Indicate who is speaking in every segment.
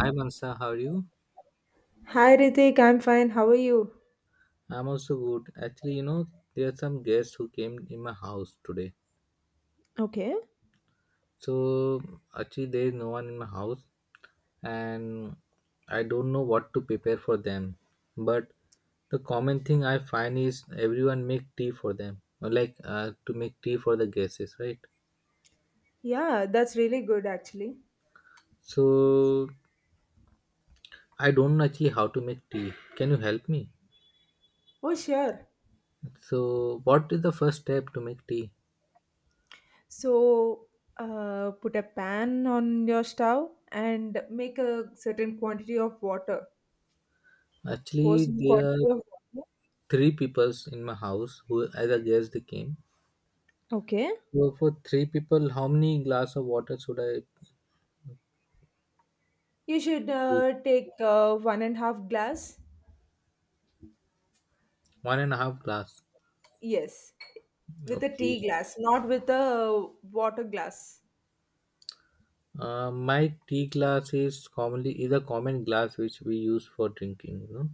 Speaker 1: Hi Mansa, how are you?
Speaker 2: Hi Ritik, I'm fine. How are you?
Speaker 1: I'm also good. Actually, you know, there are some guests who came in my house today.
Speaker 2: Okay.
Speaker 1: So actually, there is no one in my house, and I don't know what to prepare for them. But the common thing I find is everyone make tea for them, or like to make tea for the guests, right?
Speaker 2: Yeah, that's really good actually.
Speaker 1: So I don't know actually how to make tea. Can you help me?
Speaker 2: Oh, sure.
Speaker 1: So what is the first step to make tea?
Speaker 2: So, put a pan on your stove and make a certain quantity of water. Pour
Speaker 1: Actually,
Speaker 2: some
Speaker 1: there are
Speaker 2: quantity of water.
Speaker 1: three peoples in my house who as a guest they came,
Speaker 2: Okay.
Speaker 1: so for three people how many glass of water should I
Speaker 2: You should
Speaker 1: use?
Speaker 2: take one and half glass.
Speaker 1: One and a half glass.
Speaker 2: Yes, with a tea
Speaker 1: Okay.
Speaker 2: glass, not with a water glass.
Speaker 1: My tea glass is commonly is a common glass which we use for drinking, you know.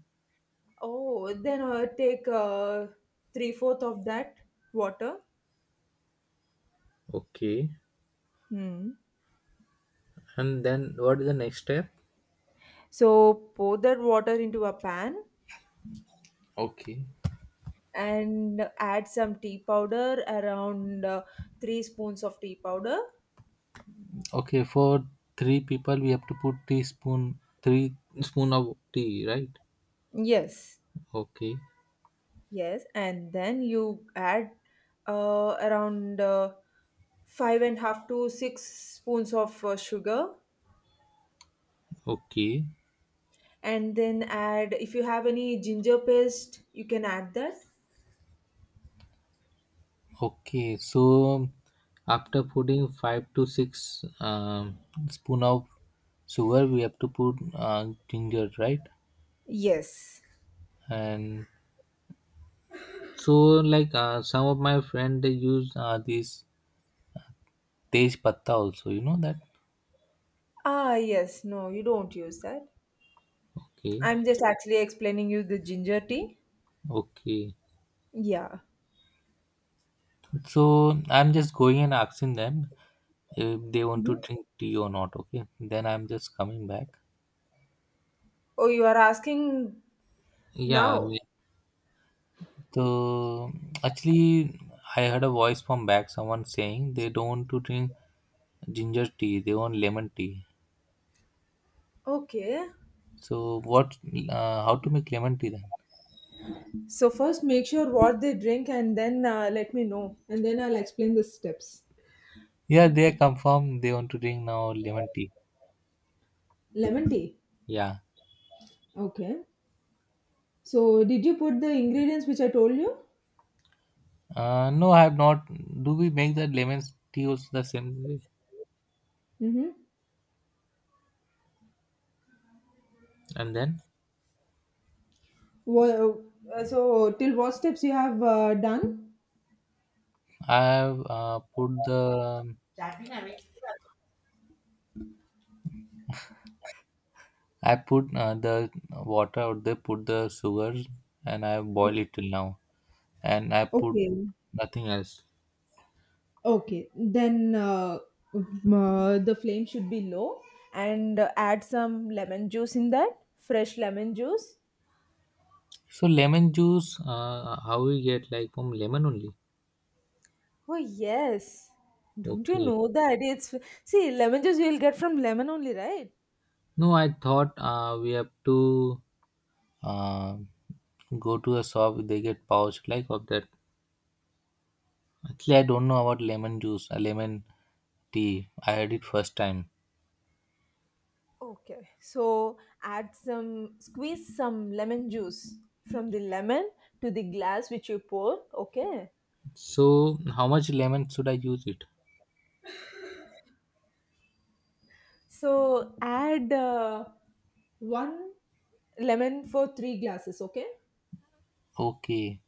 Speaker 2: Oh, then take three fourth of that water.
Speaker 1: Okay, and then what is the next step?
Speaker 2: So pour that water into a pan
Speaker 1: Okay.
Speaker 2: and add some tea powder, around three spoons of tea powder.
Speaker 1: Okay, for three people we have to put teaspoon, three spoon of tea, right?
Speaker 2: Yes.
Speaker 1: Okay.
Speaker 2: Yes, and then you add around five and a half to six spoons of sugar,
Speaker 1: Okay.
Speaker 2: and then add if you have any ginger paste, you can add that.
Speaker 1: Okay, so after putting five to six spoon of sugar, we have to put ginger, right?
Speaker 2: Yes.
Speaker 1: And so, like some of my friend they use this tej patta also. You know that?
Speaker 2: Ah, yes, no, you don't use that.
Speaker 1: Okay,
Speaker 2: I'm just actually explaining you the ginger tea.
Speaker 1: okay.
Speaker 2: Yeah.
Speaker 1: So I'm just going and asking them if they want to drink tea or not. Okay, then I'm just coming back.
Speaker 2: Oh, you are asking.
Speaker 1: Yeah.
Speaker 2: Now,
Speaker 1: So actually, I heard a voice from back someone saying they don't want to drink ginger tea; they want lemon tea.
Speaker 2: okay.
Speaker 1: So what? How to make lemon tea then?
Speaker 2: So first, make sure what they drink, and then let me know, and then I'll explain the steps.
Speaker 1: Yeah, they confirm they want to drink now lemon tea.
Speaker 2: Lemon tea.
Speaker 1: Yeah.
Speaker 2: Okay. So did you put the ingredients which I told you?
Speaker 1: No, I have not. Do we make the lemon tea also the same way?
Speaker 2: Mm-hmm.
Speaker 1: And then
Speaker 2: Well, so till what steps you have done?
Speaker 1: I have put the, I put the water, or they put the sugar and I boil it till now, and I put
Speaker 2: Okay.
Speaker 1: nothing else.
Speaker 2: Okay. Then the flame should be low, and add some lemon juice in that. Fresh lemon juice.
Speaker 1: So lemon juice, how we get, like, from lemon only?
Speaker 2: Oh yes. Don't you
Speaker 1: Okay.
Speaker 2: know that it's see lemon juice you'll get from lemon only, right?
Speaker 1: No, I thought we have to uh, go to a shop. They get pouch like of that. Actually, I don't know about lemon juice, lemon tea. I had it first time.
Speaker 2: Okay. So add some squeeze some lemon juice from the lemon to the glass which you pour. Okay.
Speaker 1: So how much lemon should I use it?
Speaker 2: So add one lemon for three glasses. Okay.
Speaker 1: Okay.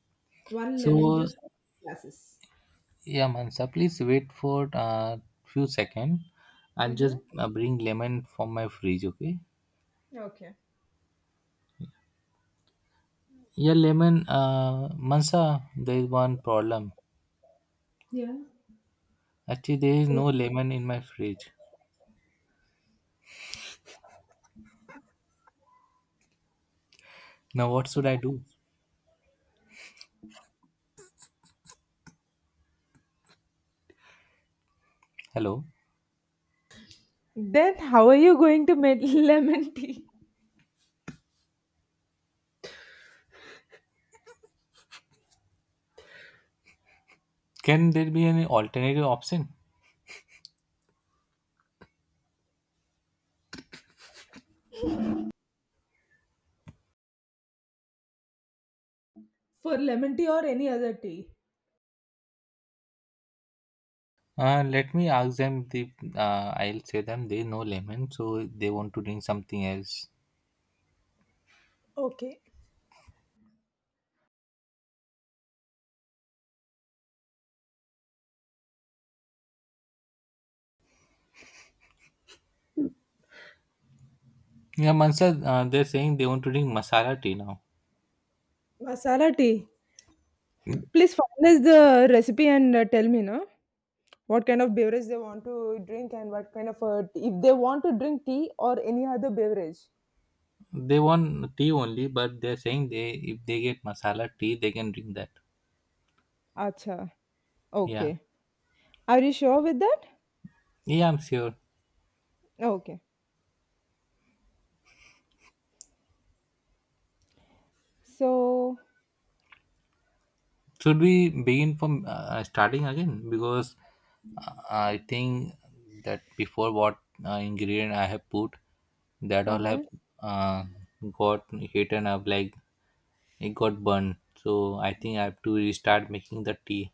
Speaker 2: One lemon
Speaker 1: So
Speaker 2: juice for three glasses.
Speaker 1: yeah, Mansa, please wait for few second. I'll just
Speaker 2: Mm-hmm.
Speaker 1: bring lemon from my fridge. Okay.
Speaker 2: Okay.
Speaker 1: Yeah, lemon. Mansa, there is one problem.
Speaker 2: Yeah.
Speaker 1: Actually, there is no lemon in my fridge. Now, what should I do? Hello?
Speaker 2: Then how are you going to make lemon tea?
Speaker 1: Can there be any alternative option?
Speaker 2: For lemon tea or any other tea?
Speaker 1: Let me ask them. The, I'll say them there is no lemon, so they want to drink something else.
Speaker 2: Okay.
Speaker 1: Yeah, Mansa, they're saying they want to drink masala tea now.
Speaker 2: Masala tea. Please finalize the recipe and tell me, no? What kind of beverage they want to drink and what kind of if they want to drink tea or any other beverage.
Speaker 1: They want tea only, but they're saying they if they get masala tea, they can drink that.
Speaker 2: Acha.
Speaker 1: Yeah.
Speaker 2: Okay. Are you sure with that?
Speaker 1: Yeah, I'm sure.
Speaker 2: Okay. So,
Speaker 1: Should we begin from starting again? Because I think that before what ingredient I have put, that all have
Speaker 2: uh-huh.
Speaker 1: uh, got hit and I've like it got burned. So I think I have to restart making the tea.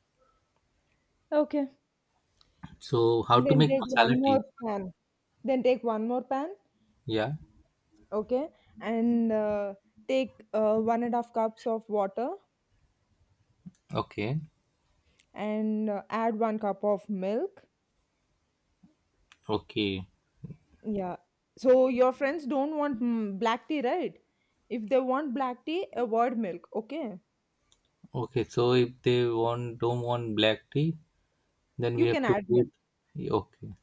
Speaker 2: Okay.
Speaker 1: So how to
Speaker 2: Then
Speaker 1: make
Speaker 2: take
Speaker 1: masala
Speaker 2: one
Speaker 1: tea?
Speaker 2: more pan. Then take one more pan.
Speaker 1: Yeah.
Speaker 2: Okay. And take one and a half cups of water
Speaker 1: Okay.
Speaker 2: and add one cup of milk.
Speaker 1: Okay.
Speaker 2: Yeah. So your friends don't want black tea, right? If they want black tea, avoid milk. Okay.
Speaker 1: Okay. So if they want don't want black tea, then we
Speaker 2: You can
Speaker 1: have to
Speaker 2: add milk.
Speaker 1: put. Okay.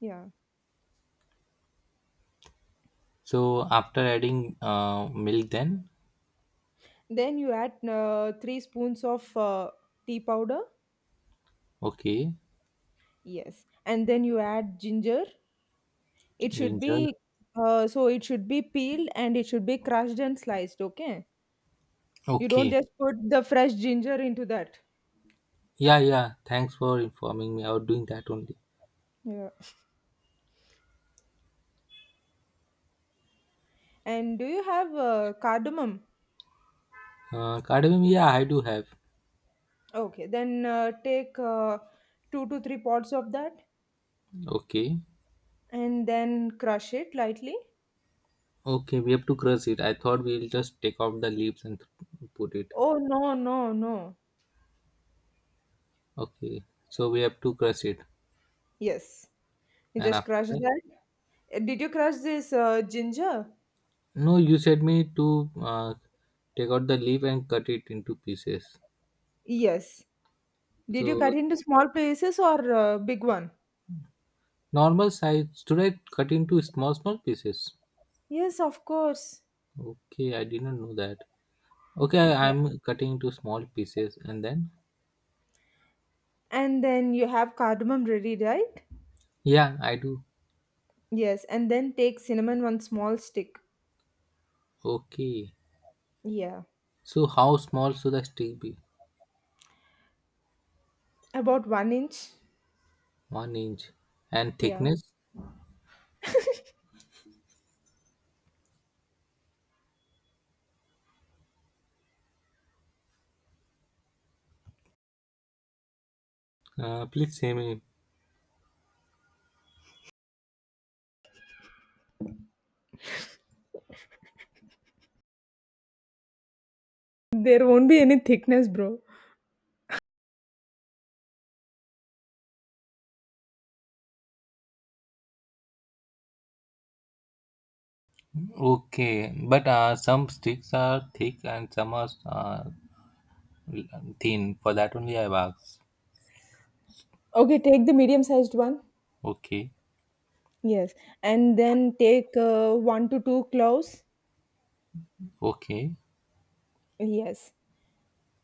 Speaker 2: Yeah.
Speaker 1: So after adding milk, then.
Speaker 2: Then you add three spoons of tea powder.
Speaker 1: Okay.
Speaker 2: Yes. And then you add ginger. It should
Speaker 1: Ninja.
Speaker 2: be so it should be peeled and it should be crushed and sliced. Okay. You don't
Speaker 1: Okay.
Speaker 2: just put the fresh ginger into that.
Speaker 1: Yeah, yeah. Thanks for informing me. I was doing that only.
Speaker 2: Yeah. And do you have cardamom?
Speaker 1: Cardamom, yeah, I do have.
Speaker 2: Okay. Then take two to three pods of that
Speaker 1: Okay.
Speaker 2: and then crush it lightly.
Speaker 1: Okay, we have to crush it. I thought we'll just take off the leaves and put it.
Speaker 2: Oh no, no, no.
Speaker 1: Okay. So we have to crush it.
Speaker 2: Yes. You
Speaker 1: And
Speaker 2: just
Speaker 1: after
Speaker 2: crush
Speaker 1: that?
Speaker 2: that. Did you crush this ginger?
Speaker 1: No, you said me to take out the leaf and cut it into pieces.
Speaker 2: Yes. Did you cut
Speaker 1: So
Speaker 2: into small pieces or big one?
Speaker 1: normal size. Should I cut into small, small pieces?
Speaker 2: Yes, of course.
Speaker 1: Okay, I did not know that. Okay, I,
Speaker 2: Yeah.
Speaker 1: I'm cutting into small pieces and then.
Speaker 2: And then you have cardamom ready, right?
Speaker 1: Yeah, I do.
Speaker 2: Yes. And then take cinnamon one small stick.
Speaker 1: Okay.
Speaker 2: Yeah.
Speaker 1: So how small should the stick be?
Speaker 2: About 1 inch.
Speaker 1: One inch. And
Speaker 2: Yeah.
Speaker 1: thickness? Please say me.
Speaker 2: There won't be any thickness, bro.
Speaker 1: Okay. But some sticks are thick and some are thin. For that only I have asked.
Speaker 2: Okay, take the medium sized one.
Speaker 1: Okay.
Speaker 2: Yes. And then take one to two cloves.
Speaker 1: Okay.
Speaker 2: Yes.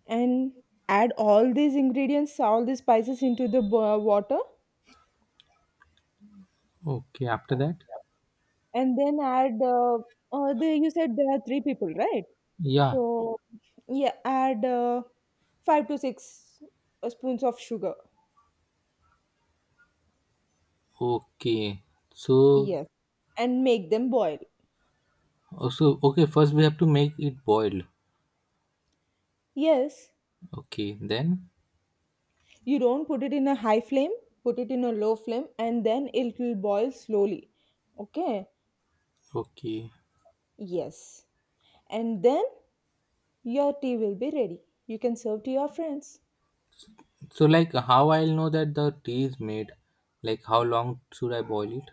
Speaker 2: And add all these ingredients, all these spices into the water,
Speaker 1: Okay. After that?
Speaker 2: and then add. You said there are three people, right?
Speaker 1: Yeah.
Speaker 2: So yeah, add five to six spoons of sugar.
Speaker 1: Okay. So
Speaker 2: Yes, and make them boil.
Speaker 1: also okay. First we have to make it boil.
Speaker 2: Yes,
Speaker 1: Okay. Then
Speaker 2: you don't put it in a high flame. Put it in a low flame, and then it will boil slowly. Okay.
Speaker 1: okay.
Speaker 2: Yes, and then your tea will be ready. You can serve to your friends.
Speaker 1: So like how I'll know that the tea is made? Like how long should I boil it?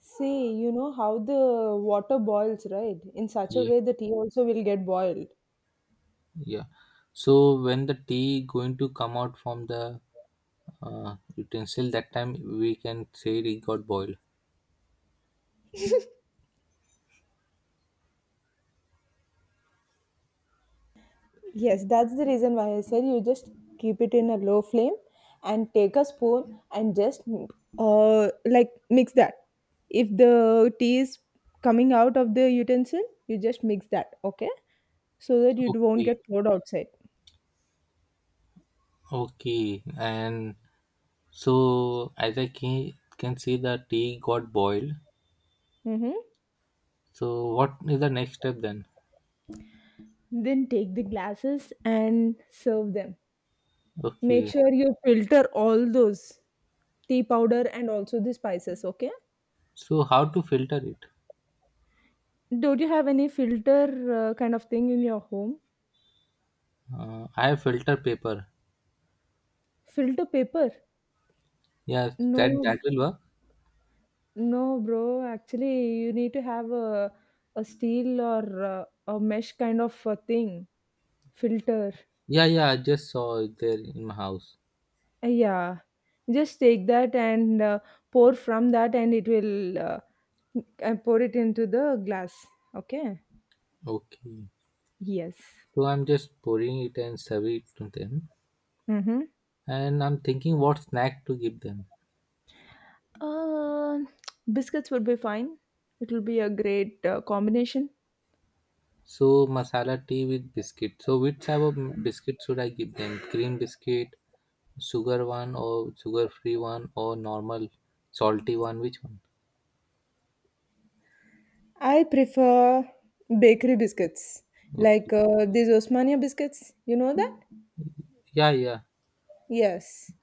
Speaker 2: See, you know how the water boils, right? In such a
Speaker 1: Yeah.
Speaker 2: way, the tea also will get boiled.
Speaker 1: Yeah. So when the tea going to come out from the utensil, that time we can say it got boiled.
Speaker 2: Yes, that's the reason why I said you just keep it in a low flame and take a spoon and just like mix that. If the tea is coming out of the utensil, you just mix that, okay? So that it won't
Speaker 1: Okay.
Speaker 2: get poured outside.
Speaker 1: Okay. And so as I can see the tea got boiled.
Speaker 2: Mm-hmm.
Speaker 1: So what is the next step then?
Speaker 2: Then take the glasses and serve them. Make
Speaker 1: Okay.
Speaker 2: sure you filter all those tea powder and also the spices, okay?
Speaker 1: So how to filter it?
Speaker 2: Don't you have any filter kind of thing in your home?
Speaker 1: I have filter paper.
Speaker 2: Filter paper?
Speaker 1: Yeah,
Speaker 2: No,
Speaker 1: that will work.
Speaker 2: no, bro. Actually, you need to have a steel or a mesh kind of a thing filter.
Speaker 1: Yeah, yeah. I just saw it there in my house.
Speaker 2: Yeah, just take that and pour from that, and it will and pour it into the glass. Okay.
Speaker 1: Okay.
Speaker 2: Yes.
Speaker 1: So I'm just pouring it and serve it to them,
Speaker 2: Mm-hmm.
Speaker 1: and I'm thinking what snack to give them.
Speaker 2: Uh, biscuits would be fine. It will be a great combination.
Speaker 1: So masala tea with biscuit. So which type of biscuit should I give them? Cream biscuit, sugar one or sugar free one or normal salty one? Which one?
Speaker 2: I prefer bakery biscuits,
Speaker 1: Okay.
Speaker 2: like these Osmania biscuits. You know that?
Speaker 1: Yeah, yeah.
Speaker 2: Yes.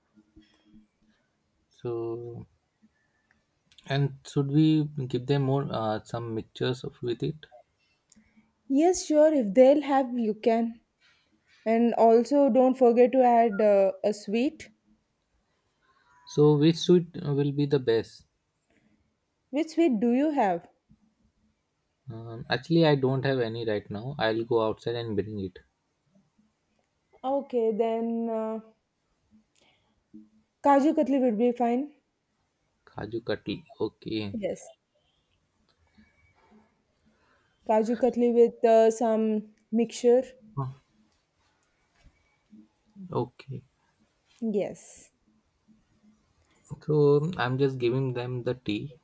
Speaker 1: So and should we give them more some mixtures of with it?
Speaker 2: Yes, sure. If they'll have, you can. And also, don't forget to add a sweet.
Speaker 1: So which sweet will be the best?
Speaker 2: Which sweet do you have?
Speaker 1: Actually, I don't have any right now. I'll go outside and bring it.
Speaker 2: Okay, then Kaju Katli would be fine.
Speaker 1: Kaju katli. Okay.
Speaker 2: Yes. Kaju Katli with some mixture.
Speaker 1: Huh. Okay.
Speaker 2: Yes.
Speaker 1: So I'm just giving them the tea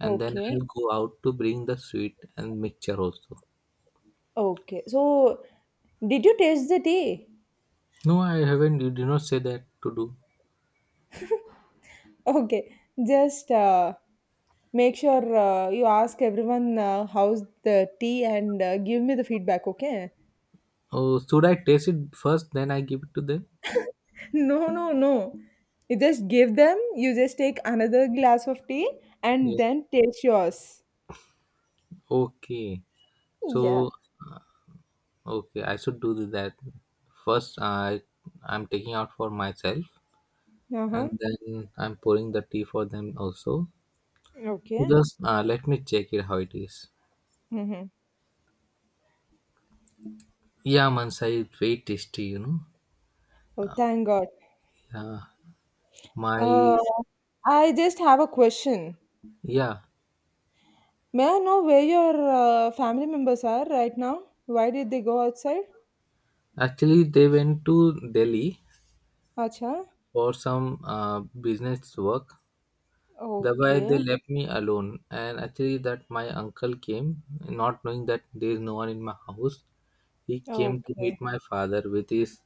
Speaker 1: and then
Speaker 2: Okay.
Speaker 1: I'll go out to bring the sweet and mixture also.
Speaker 2: Okay. So, did you taste the tea?
Speaker 1: No, I haven't. You did not say that to do.
Speaker 2: Okay, just make sure you ask everyone how's the tea and give me the feedback, okay?
Speaker 1: Oh, should I taste it first, then I give it to them?
Speaker 2: No, no, no. You just give them, you just take another glass of tea and
Speaker 1: Yes.
Speaker 2: then taste yours.
Speaker 1: Okay.
Speaker 2: Yeah.
Speaker 1: So, okay, I should do that. First, I'm taking out for myself,
Speaker 2: Uh huh.
Speaker 1: and then I'm pouring the tea for them also.
Speaker 2: Okay.
Speaker 1: Just let me check it how it is.
Speaker 2: Mm-hmm.
Speaker 1: Yeah, Mansai, it's very tasty, you know.
Speaker 2: Oh, thank God.
Speaker 1: Yeah, my
Speaker 2: Uh, I just have a question.
Speaker 1: yeah.
Speaker 2: May I know where your family members are right now? Why did they go outside?
Speaker 1: Actually, they went to Delhi
Speaker 2: Acha.
Speaker 1: for some business work. That's why they
Speaker 2: Okay.
Speaker 1: left me alone. And actually, that my uncle came, not knowing that there is no one in my house. He came to
Speaker 2: Okay.
Speaker 1: meet my father with his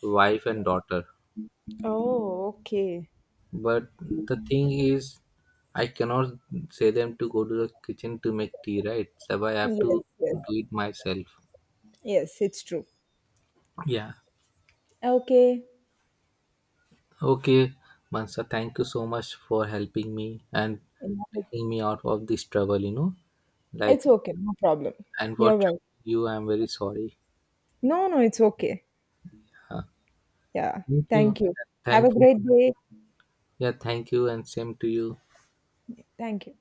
Speaker 1: wife and daughter.
Speaker 2: Oh, okay.
Speaker 1: But the thing is, I cannot say them to go to the kitchen to make tea, right? So I have
Speaker 2: Yes,
Speaker 1: to
Speaker 2: yes,
Speaker 1: do it myself.
Speaker 2: yes, it's true.
Speaker 1: Yeah.
Speaker 2: Okay.
Speaker 1: Okay, Mansa, thank you so much for helping me and
Speaker 2: Yeah.
Speaker 1: taking me out of this trouble, you know. Like,
Speaker 2: It's okay, no problem.
Speaker 1: and for
Speaker 2: You're well.
Speaker 1: troubling you, I'm very sorry.
Speaker 2: No, no, it's okay. Yeah,
Speaker 1: Thank you.
Speaker 2: thank you. Have a
Speaker 1: Thankful.
Speaker 2: great day.
Speaker 1: Yeah, thank you, and same to you.
Speaker 2: Thank you.